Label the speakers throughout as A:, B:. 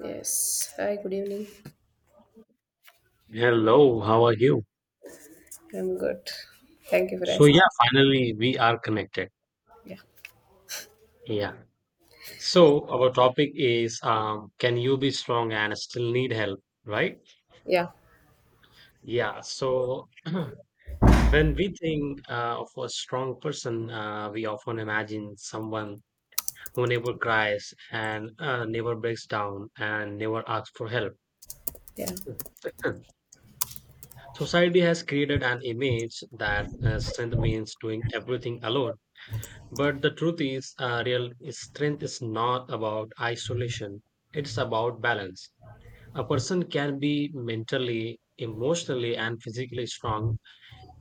A: Yes. Hi, good evening.
B: Hello, how are you?
A: I'm good. Thank you for
B: So yeah,
A: asking.
B: finally we are connected.
A: Yeah.
B: Yeah. So our topic is can you be strong and still need help, right?
A: Yeah.
B: Yeah. So when we think of a strong person, we often imagine someone who never cries and never breaks down and never asks for help.
A: Yeah.
B: Society has created an image that strength means doing everything alone. But the truth is, real strength is not about isolation, it's about balance. A person can be mentally, emotionally, and physically strong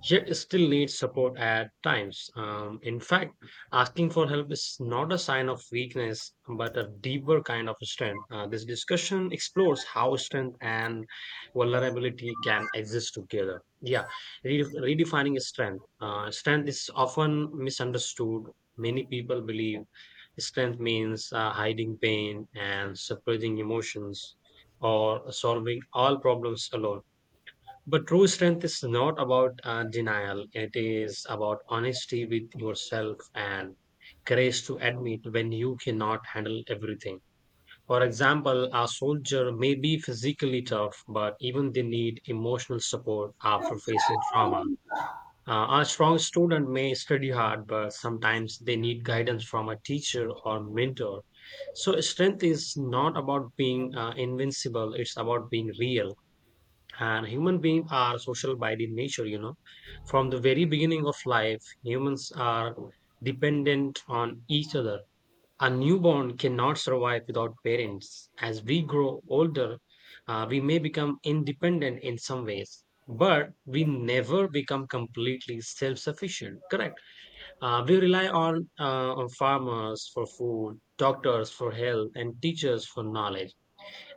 B: yet still needs support at times. In fact, asking for help is not a sign of weakness, but a deeper kind of strength. This discussion explores how strength and vulnerability can exist together. Yeah, redefining strength. Strength is often misunderstood. Many people believe strength means hiding pain and suppressing emotions or solving all problems alone, but true strength is not about denial. It is about honesty with yourself and courage to admit when you cannot handle everything. For example, a soldier may be physically tough, but even they need emotional support after facing trauma. A strong student may study hard, but sometimes they need guidance from a teacher or mentor. So, strength is not about being invincible, it's about being real. And human beings are social by the nature, you know. From the very beginning of life, humans are dependent on each other. A newborn cannot survive without parents. As we grow older, we may become independent in some ways, but we never become completely self sufficient, correct? We rely on, on farmers for food, doctors for health, and teachers for knowledge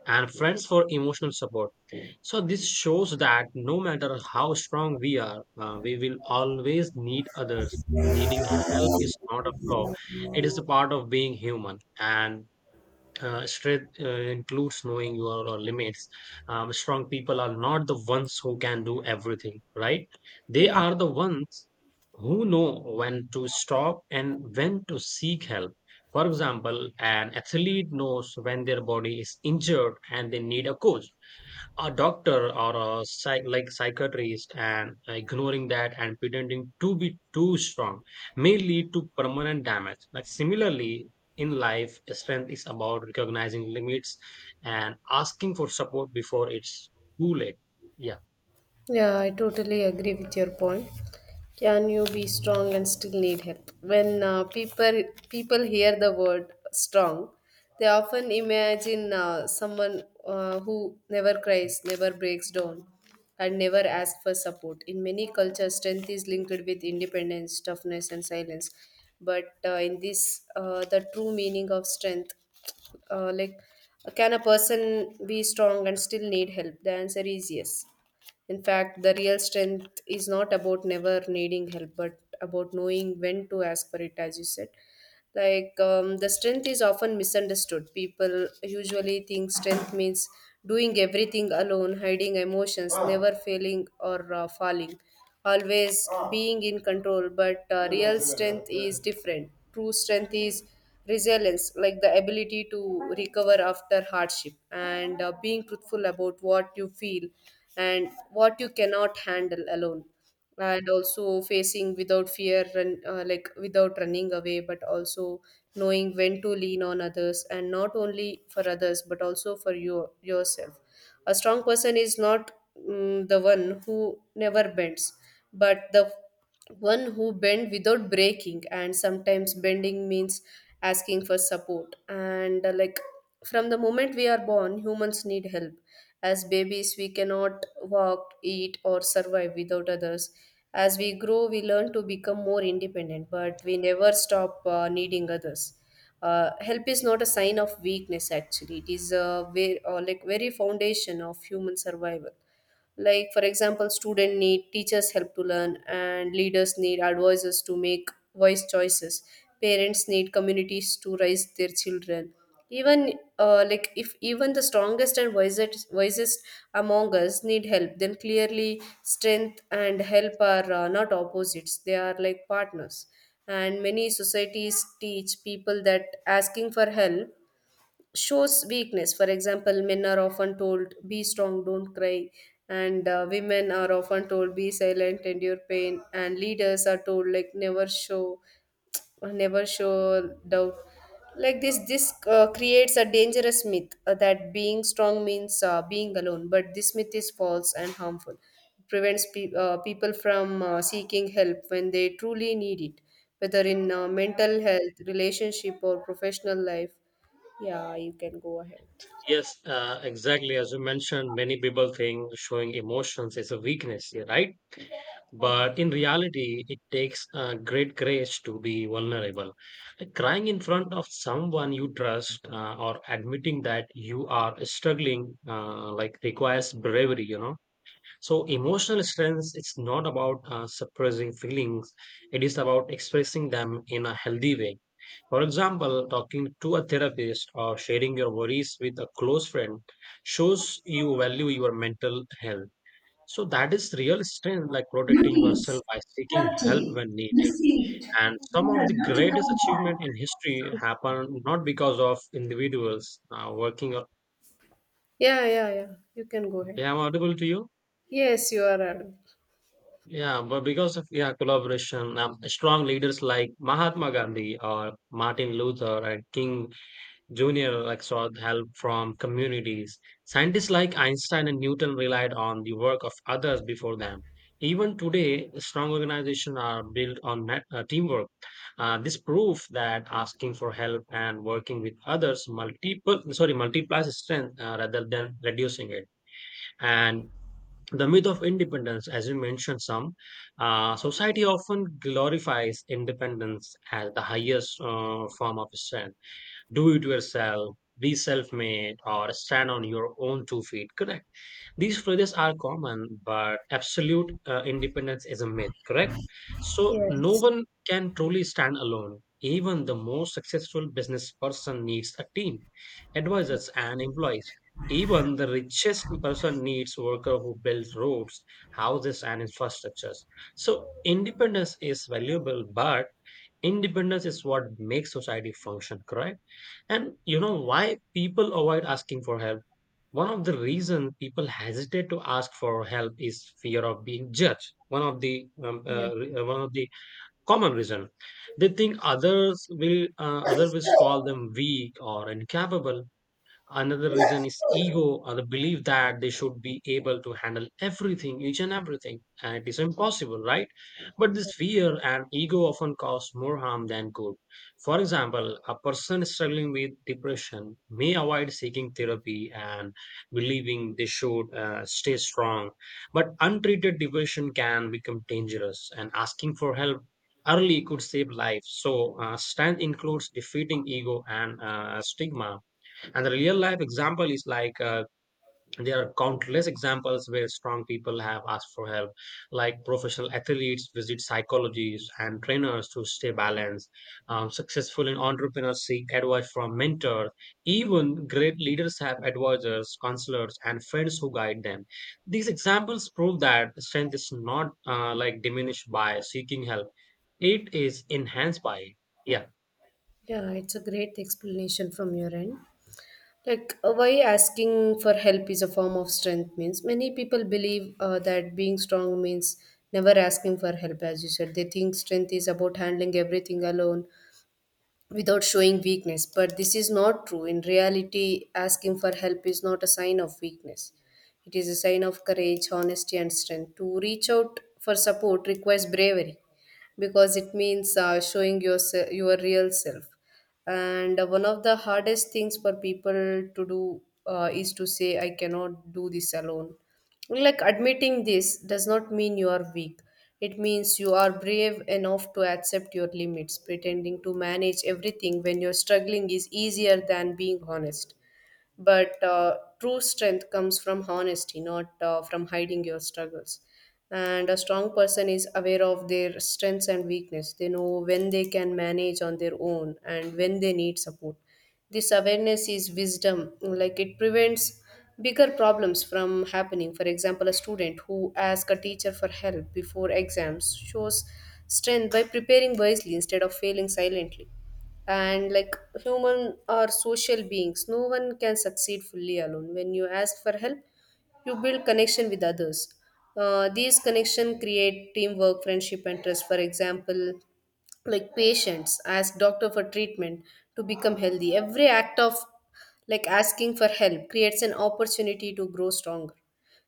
B: and friends for emotional support. So, this shows that no matter how strong we are, we will always need others. Needing help is not a flaw, it is a part of being human. And strength includes knowing your limits. Strong people are not the ones who can do everything, right? They
A: Yeah.
B: are the ones who know when to stop and when to seek help. For example, an athlete knows when their body is injured and they need a coach, a doctor, or a psychiatrist, and ignoring that and pretending to be too strong may lead to permanent damage. Like, similarly, in life, strength is about recognizing limits and asking for support before it's too late. Yeah.
A: Yeah, I totally agree with your point. Can you be strong and still need help? When people hear the word strong, they often imagine someone who never cries, never breaks down, and never asks for support. In many cultures, strength is linked with independence, toughness, and silence. The true meaning of strength, uh, like can a person be strong and still need help? The answer is yes. In fact, the real strength is not about never needing help, but about knowing when to ask for it, as you said. The strength is often misunderstood. People usually think strength means doing everything alone, hiding emotions, never failing or falling, always being in control, but real strength is different. True strength is resilience, like the ability to recover after hardship, and being truthful about what you feel and what you cannot handle alone, and also facing without fear, like without running away, but also knowing when to lean on others, and not only for others but also for you yourself. A strong person is not, the one who never bends, but the one who bend without breaking. And sometimes bending means asking for support. And like From the moment we are born, humans need help. As babies, we cannot walk, eat, or survive without others. As we grow, we learn to become more independent, but we never stop needing others. Help is not a sign of weakness. Actually, it is a very foundation of human survival. Like, for example, student need teachers help to learn, and leaders need advisors to make wise choices, parents need communities to raise their children. Even if even the strongest and wisest among us need help, then clearly strength and help are not opposites. They are like partners. And many societies teach people that asking for help shows weakness. For example, men are often told, be strong, don't cry. And Women are often told, be silent, endure pain. And leaders are told, like, never show doubt. Like this creates a dangerous myth that being strong means being alone. But this myth is false and harmful. It prevents people from seeking help when they truly need it, whether in mental health, relationship, or professional life. Yeah, you can go ahead.
B: Yes, exactly as you mentioned, many people think showing emotions is a weakness, yeah, right. But in reality, it takes a great courage to be vulnerable. Like crying in front of someone you trust or admitting that you are struggling like requires bravery, you know. So emotional strength its not about suppressing feelings. It is about expressing them in a healthy way. For example, talking to a therapist or sharing your worries with a close friend shows you value your mental health, so that is real strength, like protecting yourself
A: Notice,
B: by seeking help
A: update,
B: when needed.
A: received,
B: And some of the
A: Karnataka
B: greatest achievement
A: Bank.
B: in history happen not because of individuals working.
A: Yeah, yeah, yeah. You can go ahead.
B: Yeah, I'm audible to you.
A: Yes, you are.
B: Yeah, but because of yeah collaboration. Strong leaders like Mahatma Gandhi or Martin Luther and King Junior like sought help from communities. Scientists like Einstein and Newton relied on the work of others before them. Even today, strong organizations are built on teamwork. This proves that asking for help and working with others multiple sorry multiplies strength rather than reducing it. And the myth of independence, as you mentioned, some society often glorifies independence as the highest form of strength: do it yourself, be self made, or stand on your own two feet. Correct. These phrases are common, but absolute independence is a myth. Correct. So, no
A: Yes.
B: one can truly stand alone. Even the most successful business person needs a team, advisors, and employees. Even the richest person needs worker who builds roads, houses, and infrastructures. So independence is valuable, but independence is what makes society function, correct? And you know why people avoid asking for help? One of the reason people hesitate to ask for help is fear of being judged. One of the
A: Yeah.
B: one of the common reason, they think others will call them weak or incapable. Another reason is ego, or the belief that they should be able to handle everything, each and everything. And it is impossible, right? But this fear and ego often cause more harm than good. For example, a person struggling with depression may avoid seeking therapy and believing they should stay strong. But untreated depression can become dangerous, and asking for help early could save lives. So, stand includes defeating ego and stigma. And the real life example is there are countless examples where strong people have asked for help, like professional athletes visit psychologists and trainers to stay balanced. Successful in entrepreneurs seek advice from mentors. Even great leaders have advisors, counselors, and friends who guide them. These examples prove that strength is not like diminished by seeking help; it is enhanced by it. Yeah.
A: Yeah, it's a great explanation from your end. Like, why asking for help is a form of strength means many people believe that being strong means never asking for help, as you said. They think strength is about handling everything alone without showing weakness. But this is not true. In reality, asking for help is not a sign of weakness, it is a sign of courage, honesty, and strength. To reach out for support requires bravery because it means your real self. And One of the hardest things for people to do is to say, I cannot do this alone. Like, admitting this does not mean you are weak. It means you are brave enough to accept your limits. Pretending to manage everything when you're struggling is easier than being honest. But true strength comes from honesty, not from hiding your struggles. And a strong person is aware of their strengths and weakness. They know when they can manage on their own and when they need support. This awareness is wisdom, like it prevents bigger problems from happening. For example, a student who asks a teacher for help before exams shows strength by preparing wisely instead of failing silently. And like, human are social beings, no one can succeed fully alone. When you ask for help, you build connection with others. These connection create teamwork, friendship, and trust. For example, like patients ask doctor for treatment to become healthy. Every act of like asking for help creates an opportunity to grow stronger.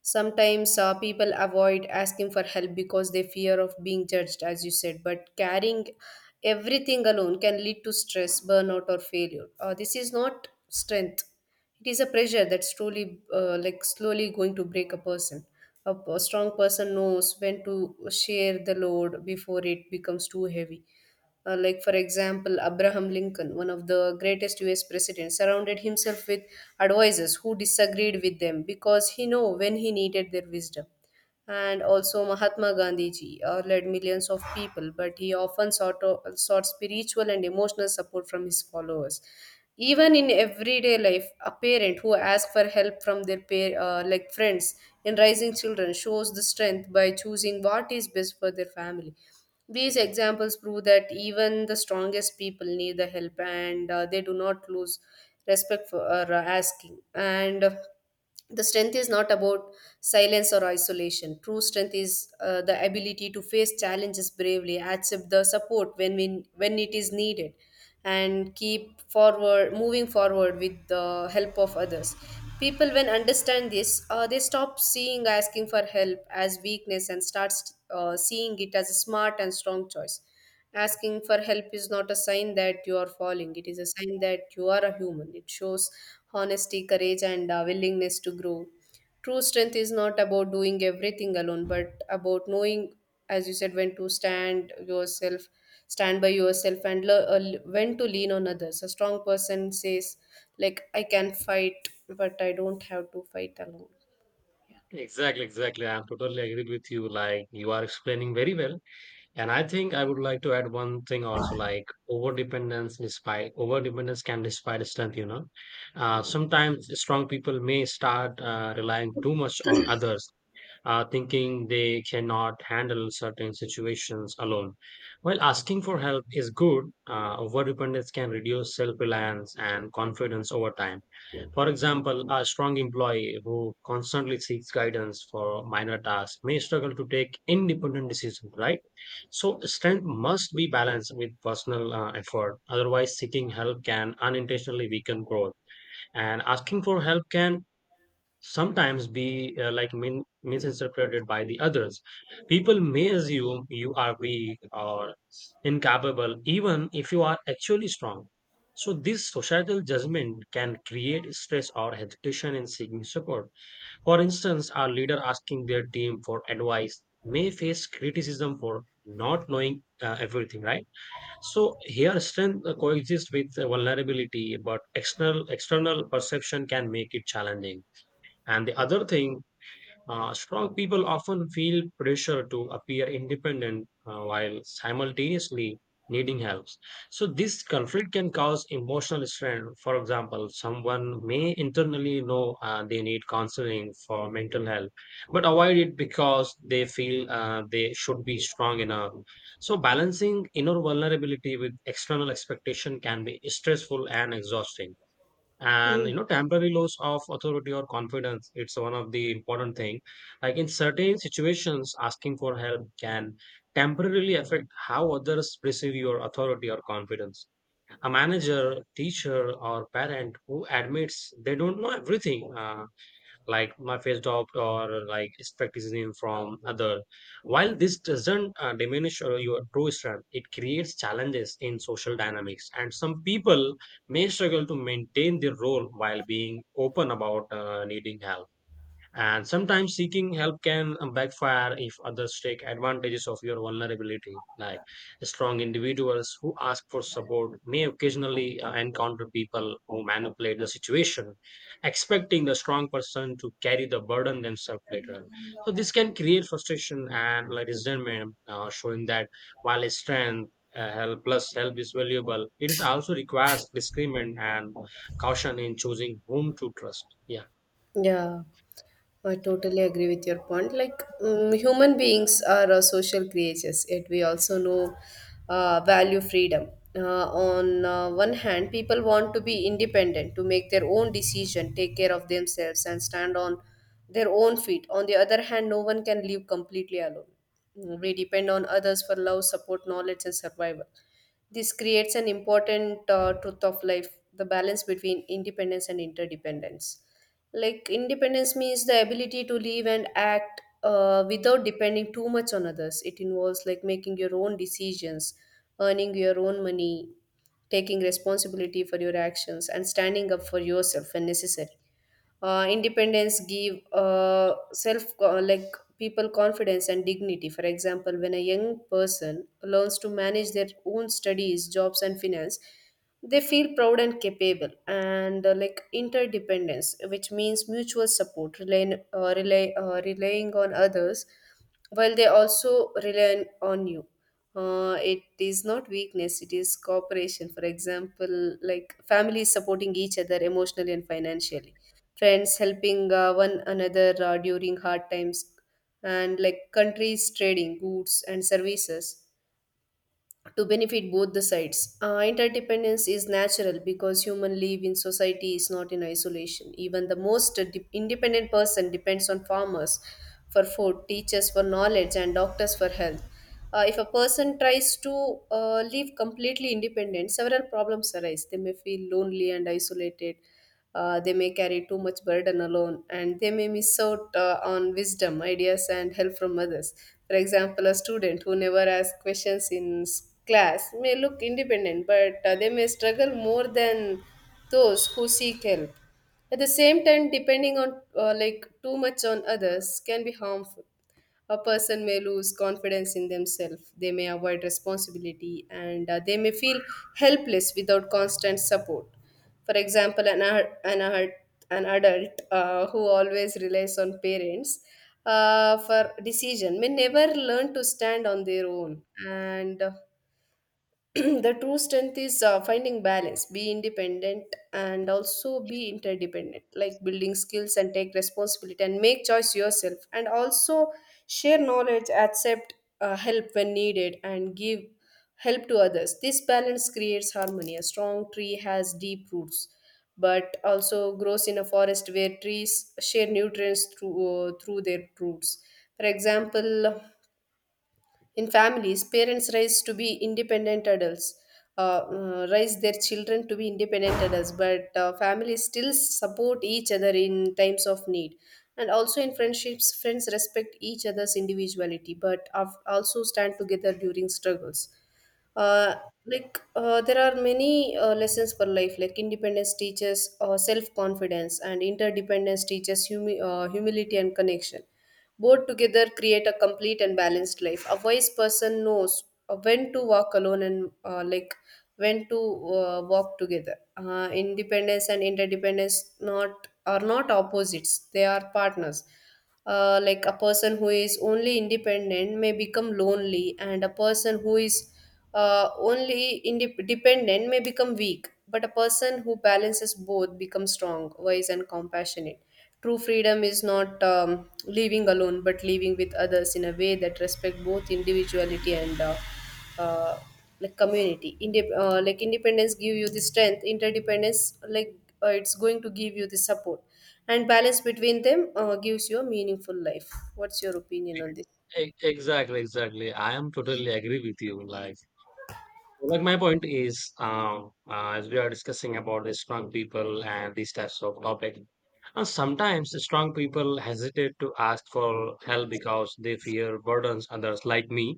A: Sometimes people avoid asking for help because they fear of being judged, as you said, but carrying everything alone can lead to stress, burnout, or failure. This is not strength, it is a pressure that's truly slowly going to break a person. A strong person knows when to share the load before it becomes too heavy. Like, for example, Abraham Lincoln, one of the greatest US presidents, surrounded himself with advisors who disagreed with them because he knew when he needed their wisdom. And also Mahatma Gandhi ji led millions of people, but he often sought spiritual and emotional support from his followers. Even in everyday life, a parent who asks for help from their pair, like friends in raising children shows the strength by choosing what is best for their family. These examples prove that even the strongest people need the help, and they do not lose respect for asking. And the strength is not about silence or isolation. True strength is the ability to face challenges bravely, accept the support when it is needed, and keep forward moving forward with the help of others. People when understand this they stop seeing asking for help as weakness and starts seeing it as a smart and strong choice. Asking for help is not a sign that you are falling, it is a sign that you are a human. It shows honesty, courage, and a willingness to grow. True strength is not about doing everything alone, but about knowing, as you said, when to stand yourself, stand by yourself, and when to lean on others. A strong person says, like, I can fight, but I don't have to fight alone.
B: Exactly, exactly. I'm totally agreed with you. Like you are explaining very well. And I think I would like to add one thing also, like overdependence despite overdependence can despite strength, you know. Sometimes strong people may start relying too much on others, thinking they cannot handle certain situations alone. While asking for help is good, overdependence can reduce self reliance and confidence over time. For example, a strong employee who constantly seeks guidance for minor tasks may struggle to take independent decisions, right? So, strength must be balanced with personal effort. Otherwise, seeking help can unintentionally weaken growth. And asking for help can sometimes be misinterpreted by the others. People may assume you are weak or incapable even if you are actually strong. So this societal judgment can create stress or hesitation in seeking support. For instance, a leader asking their team for advice may face criticism for not knowing everything, right? So here strength coexists with vulnerability, but external perception can make it challenging. And the other thing, strong people often feel pressure to appear independent while simultaneously needing help. So, this conflict can cause emotional strain. For example, someone may internally know they need counseling for mental health, but avoid it because they feel they should be strong enough. So, balancing inner vulnerability with external expectation can be stressful and exhausting. And you know, temporary loss of authority or confidence, it's one of the important thing. Like in certain situations, asking for help can temporarily affect how others perceive your authority or confidence. A manager, teacher, or parent who admits they don't know everything like my face off or like skepticism from other. While this doesn't diminish your true strength, it creates challenges in social dynamics, and some people may struggle to maintain their role while being open about needing help. And sometimes seeking help can backfire if others take advantages of your vulnerability. Like strong individuals who ask for support may occasionally encounter people who manipulate the situation, expecting the strong person to carry the burden themselves later. So this can create frustration and like resentment, showing that while strength, help is valuable, it is also requires discernment and caution in choosing whom to trust. Yeah.
A: Yeah. I totally agree with your point. Like, human beings are social creatures, yet we also know value freedom. On one hand, people want to be independent, to make their own decision, take care of themselves, and stand on their own feet. On the other hand, no one can live completely alone. We depend on others for love, support, knowledge, and survival. This creates an important truth of life, the balance between independence and interdependence. Like, independence means the ability to live and act without depending too much on others. It involves like making your own decisions, earning your own money, taking responsibility for your actions, and standing up for yourself when necessary. Independence give self co- like people confidence and dignity. For example, when a young person learns to manage their own studies, jobs, and finance, they feel proud and capable. And interdependence, which means mutual support, relying on others while they also rely on you. It is not weakness, it is cooperation. For example, like families supporting each other emotionally and financially, friends helping one another during hard times, and like countries trading goods and services to benefit both the sides. Interdependence is natural because human live in society is not in isolation. Even the most independent person depends on farmers for food, teachers for knowledge, and doctors for health. If a person tries to live completely independent, several problems arise. They may feel lonely and isolated. They may carry too much burden alone, and they may miss out on wisdom, ideas, and help from others. For example, a student who never asks questions in class may look independent, but they may struggle more than those who seek help. At the same time, depending on too much on others can be harmful. A person may lose confidence in themselves, they may avoid responsibility, and they may feel helpless without constant support. For example, an adult who always relies on parents for decision may never learn to stand on their own. And The true strength is finding balance, be independent and also be interdependent, like building skills and take responsibility and make choice yourself, and also share knowledge, accept help when needed, and give help to others. This balance creates harmony. A strong tree has deep roots, but also grows in a forest where trees share nutrients through their roots. For example, in families, parents raise their children to be independent adults, but families still support each other in times of need. And also in friendships, friends respect each other's individuality, but also stand together during struggles. uh, there are many lessons for life. Like, independence teaches self-confidence, and interdependence teaches humility and connection. Both together create a complete and balanced life. A wise person knows when to walk alone and like when to walk together. Independence and interdependence not are not opposites, they are partners. Like, a person who is only independent may become lonely, and a person who is only indep dependent may become weak. But a person who balances both becomes strong, wise, and compassionate. True freedom is not living alone, but living with others in a way that respect both individuality and uh, like community. Like, independence give you the strength. Interdependence, it's going to give you the support, and balance between them gives you a meaningful life. What's your opinion on this?
B: E Exactly, exactly. I am totally agree with you. Like my point is, as we are discussing about the strong people and these types of topic, sometimes the strong people hesitate to ask for help because they fear burdens others like me.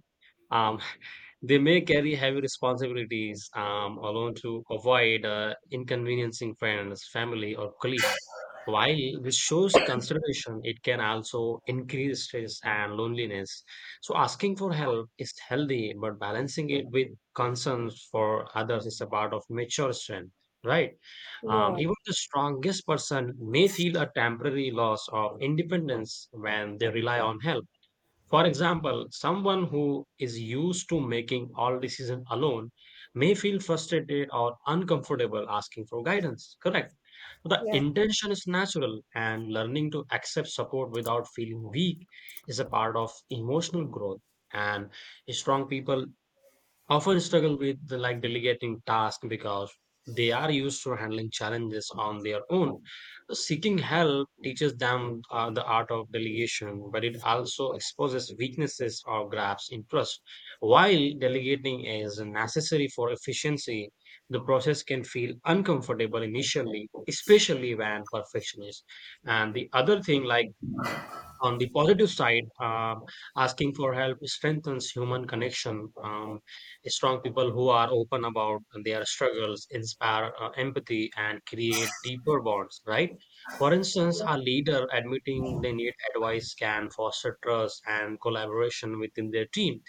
B: Um, they may carry heavy responsibilities alone to avoid inconveniencing friends, family, or colleagues. While this shows consideration, it can also increase stress and loneliness. So, asking for help is healthy, but balancing it with concerns for others is a part of mature strength, right? Um,
A: Yeah.
B: even the strongest person may feel a temporary loss of independence when they rely on help. For example, someone who is used to making all decisions alone may feel frustrated or uncomfortable asking for guidance. Correct. The intention is natural, and learning to accept support without feeling weak is a part of emotional growth. And strong people often struggle with the, like delegating tasks because they are used to handling challenges on their own. Seeking help teaches them the art of delegation, but it also exposes weaknesses or grabs interest. While delegating is necessary for efficiency, the process can feel uncomfortable initially, especially when perfectionist. And the other thing, like on the positive side, asking for help strengthens human connection. Strong people who are open about their struggles inspire empathy and create deeper bonds, right? For instance, a leader admitting they need advice can foster trust and collaboration within their team.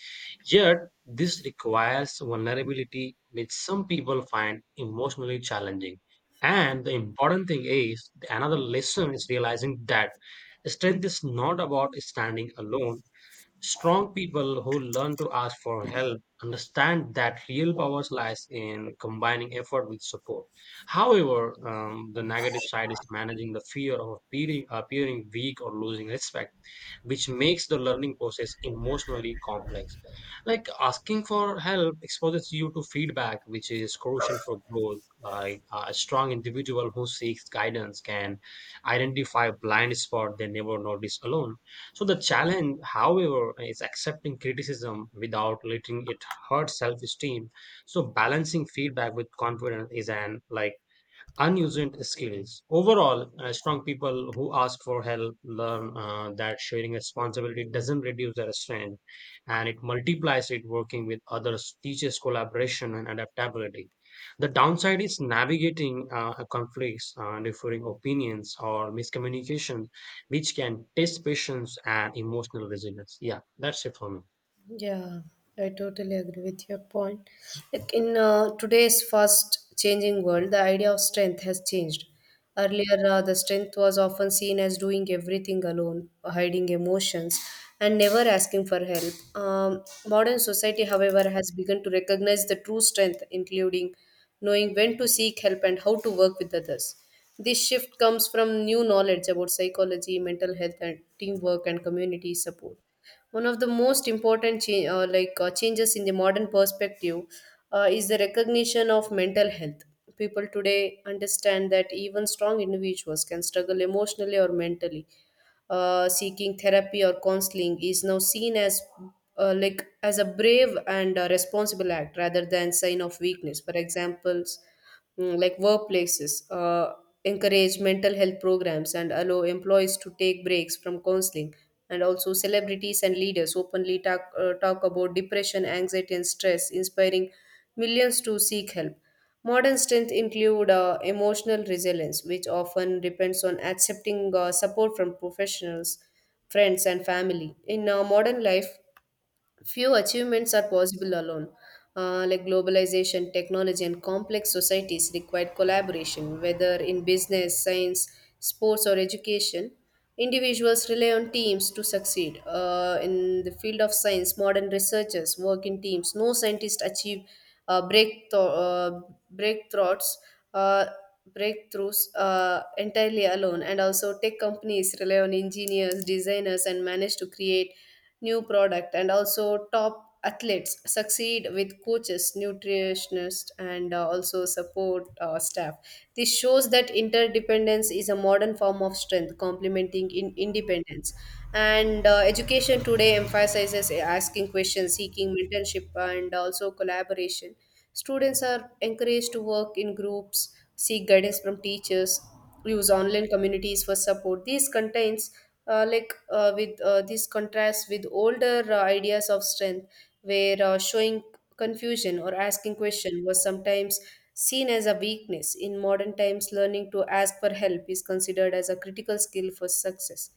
B: Yet, this requires vulnerability, which some people find emotionally challenging. And the important thing is, another lesson is realizing that strength is not about standing alone. Strong people who learn to ask for help understand that real power lies in combining effort with support. However, the negative side is managing the fear of appearing weak or losing respect, which makes the learning process emotionally complex. Like asking for help exposes you to feedback, which is crucial for growth. Like a strong individual who seeks guidance can identify blind spot they never notice alone. So the challenge, however, is accepting criticism without letting it hurt self-esteem. So balancing feedback with confidence is an like unused skills. Overall, strong people who ask for help learn that sharing responsibility doesn't reduce their strength and it multiplies it working with others, teaches collaboration and adaptability. The downside is navigating conflicts, differing opinions, or miscommunication, which can test patience and emotional resilience. Yeah, that's it for me.
A: Yeah, I totally agree with your point. Like, in today's fast changing world, the idea of strength has changed. Earlier, the strength was often seen as doing everything alone, hiding emotions, and never asking for help. Modern society, however, has begun to recognize the true strength, including knowing when to seek help and how to work with others. This shift comes from new knowledge about psychology, mental health, and teamwork and community support. One of the most important changes in the modern perspective is the recognition of mental health. People today understand that even strong individuals can struggle emotionally or mentally. Seeking therapy or counseling is now seen as as a brave and responsible act rather than sign of weakness. For examples, like, workplaces encourage mental health programs and allow employees to take breaks from counseling. And also, celebrities and leaders openly talk about depression, anxiety and stress, inspiring millions to seek help. Modern strength include emotional resilience, which often depends on accepting support from professionals, friends, and family. In modern life, few achievements are possible alone. Like, globalization, technology, and complex societies require collaboration, whether in business, science, sports, or education. Individuals rely on teams to succeed. In the field of science, modern researchers work in teams. No scientist achieve uh, breakthrough, uh, breakthroughs, uh, breakthroughs entirely alone. And also, tech companies rely on engineers, designers, and manage to create new product. And also, top athletes succeed with coaches, nutritionists, and also support staff. This shows that interdependence is a modern form of strength, complementing in independence. And education today emphasizes asking questions, seeking mentorship, and also collaboration. Students are encouraged to work in groups, seek guidance from teachers, use online communities for support. These contains like with This contrast with older ideas of strength, where showing confusion or asking question was sometimes seen as a weakness. In modern times, learning to ask for help is considered as a critical skill for success.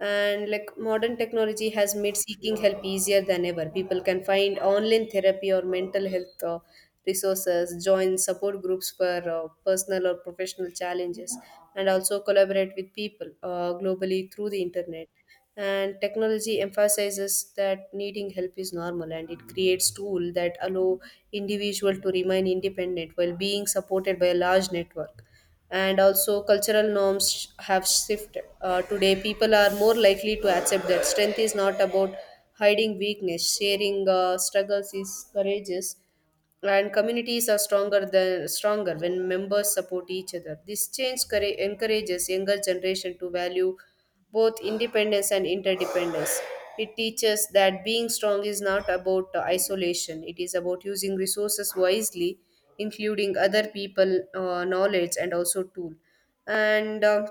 A: And like, modern technology has made seeking help easier than ever. People can find online therapy or mental health resources, join support groups for personal or professional challenges, and also collaborate with people globally through the internet. And technology emphasizes that needing help is normal, and it creates tools that allow individual to remain independent while being supported by a large network. And also, cultural norms have shifted. Today, people are more likely to accept that strength is not about hiding weakness, sharing struggles is courageous, and communities are stronger when members support each other. This change encourages younger generation to value both independence and interdependence. It teaches that being strong is not about isolation, it is about using resources wisely, including other people knowledge and also tool. And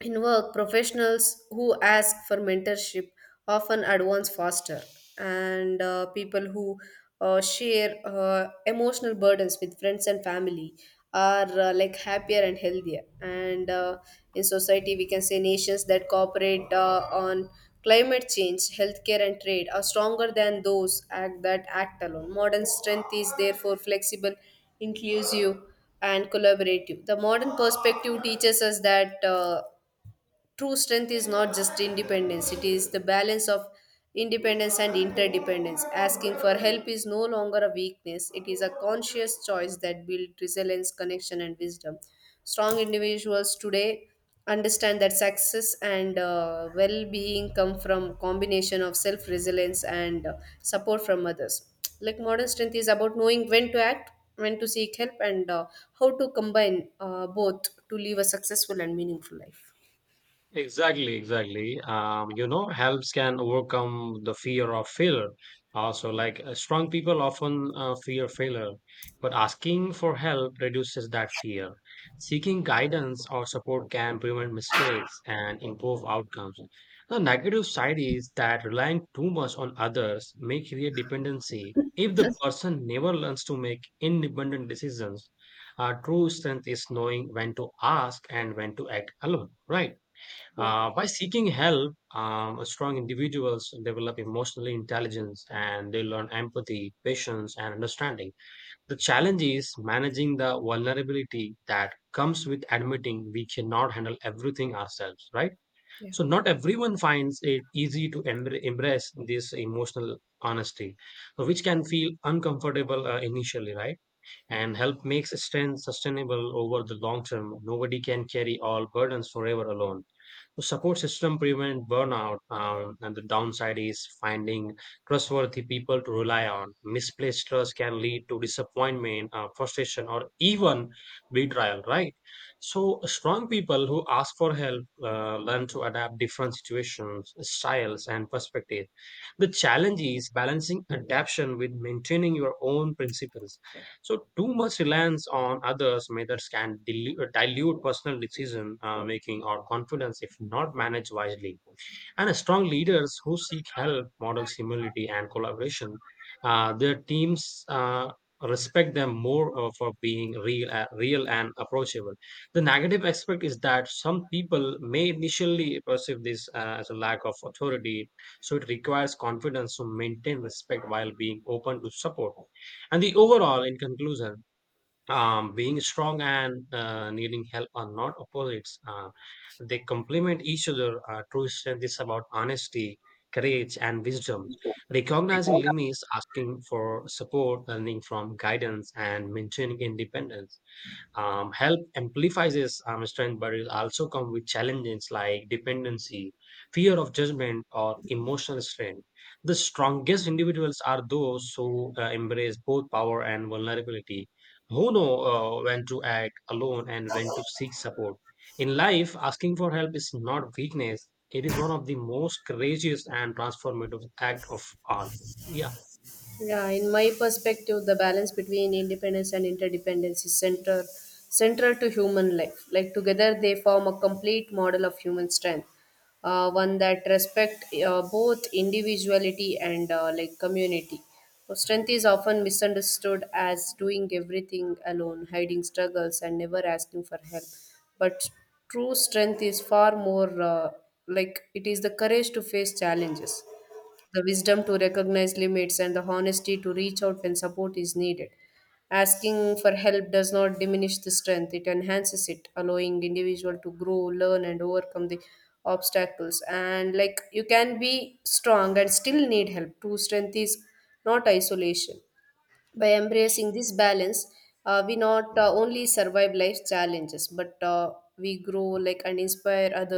A: in work, professionals who ask for mentorship often advance faster, and people who share emotional burdens with friends and family are like happier and healthier. And in society, we can say nations that cooperate on climate change, healthcare, and trade are stronger than those act that act alone. Modern strength is therefore flexible, inclusive and collaborative. The modern perspective teaches us that. True strength is not just independence, it is the balance of independence and interdependence. Asking for help is no longer a weakness, it is a conscious choice that builds resilience, connection, and wisdom. Strong individuals today understand that success and well-being come from combination of self-resilience and support from others. Like, modern strength is about knowing when to act, when to seek help, and how to combine both to live a successful and meaningful life.
B: Exactly, exactly. Helps can overcome the fear of failure. Also, like strong people often fear failure, but asking for help reduces that fear. Seeking guidance or support can prevent mistakes and improve outcomes. The negative side is that relying too much on others may create dependency. If the person never learns to make independent decisions, true strength is knowing when to ask and when to act alone, right? By seeking help, strong individuals develop emotional intelligence and they learn empathy, patience, and understanding. The challenge is managing the vulnerability that comes with admitting we cannot handle everything ourselves, right? So, not everyone finds it easy to embrace this emotional honesty, which can feel uncomfortable initially, right? And help makes strength sustainable over the long term. Nobody can carry all burdens forever alone. The support system prevent burnout, and the downside is finding trustworthy people to rely on. Misplaced trust can lead to disappointment, frustration, or even betrayal. Right. So strong people who ask for help learn to adapt different situations, styles, and perspectives. The challenge is balancing adaptation with maintaining your own principles. So too much reliance on others' methods can dilute personal decision making or confidence if not managed wisely. And strong leaders who seek help, model humility, and collaboration, their teams respect them more for being real, real and approachable. The negative aspect is that some people may initially perceive this as a lack of authority, so it requires confidence to maintain respect while being open to support. And the overall, in conclusion, being strong and needing help are not opposites. They complement each other. True strength is about honesty, courage, and wisdom. Recognizing limits, asking for support, learning from guidance, and maintaining independence help amplifies his strength, but it also comes with challenges like dependency, fear of judgment, or emotional strength. The strongest individuals are those who embrace both power and vulnerability, who know when to act alone and when to seek support. In life, asking for help is not weakness. It is one of the most courageous and transformative act of all. Yeah.
A: Yeah, in my perspective, the balance between independence and interdependence is central to human life. Like, together, they form a complete model of human strength, one that respect both individuality and like community. So strength is often misunderstood as doing everything alone, hiding struggles, and never asking for help. But true strength is far more. Like, it is the courage to face challenges, the wisdom to recognize limits, and the honesty to reach out when support is needed. Asking for help does not diminish the strength, it enhances it, allowing individual to grow, learn and overcome the obstacles. And like, you can be strong and still need help. True strength is not isolation. By embracing this balance, we not only survive life's challenges, but we grow like and inspire others.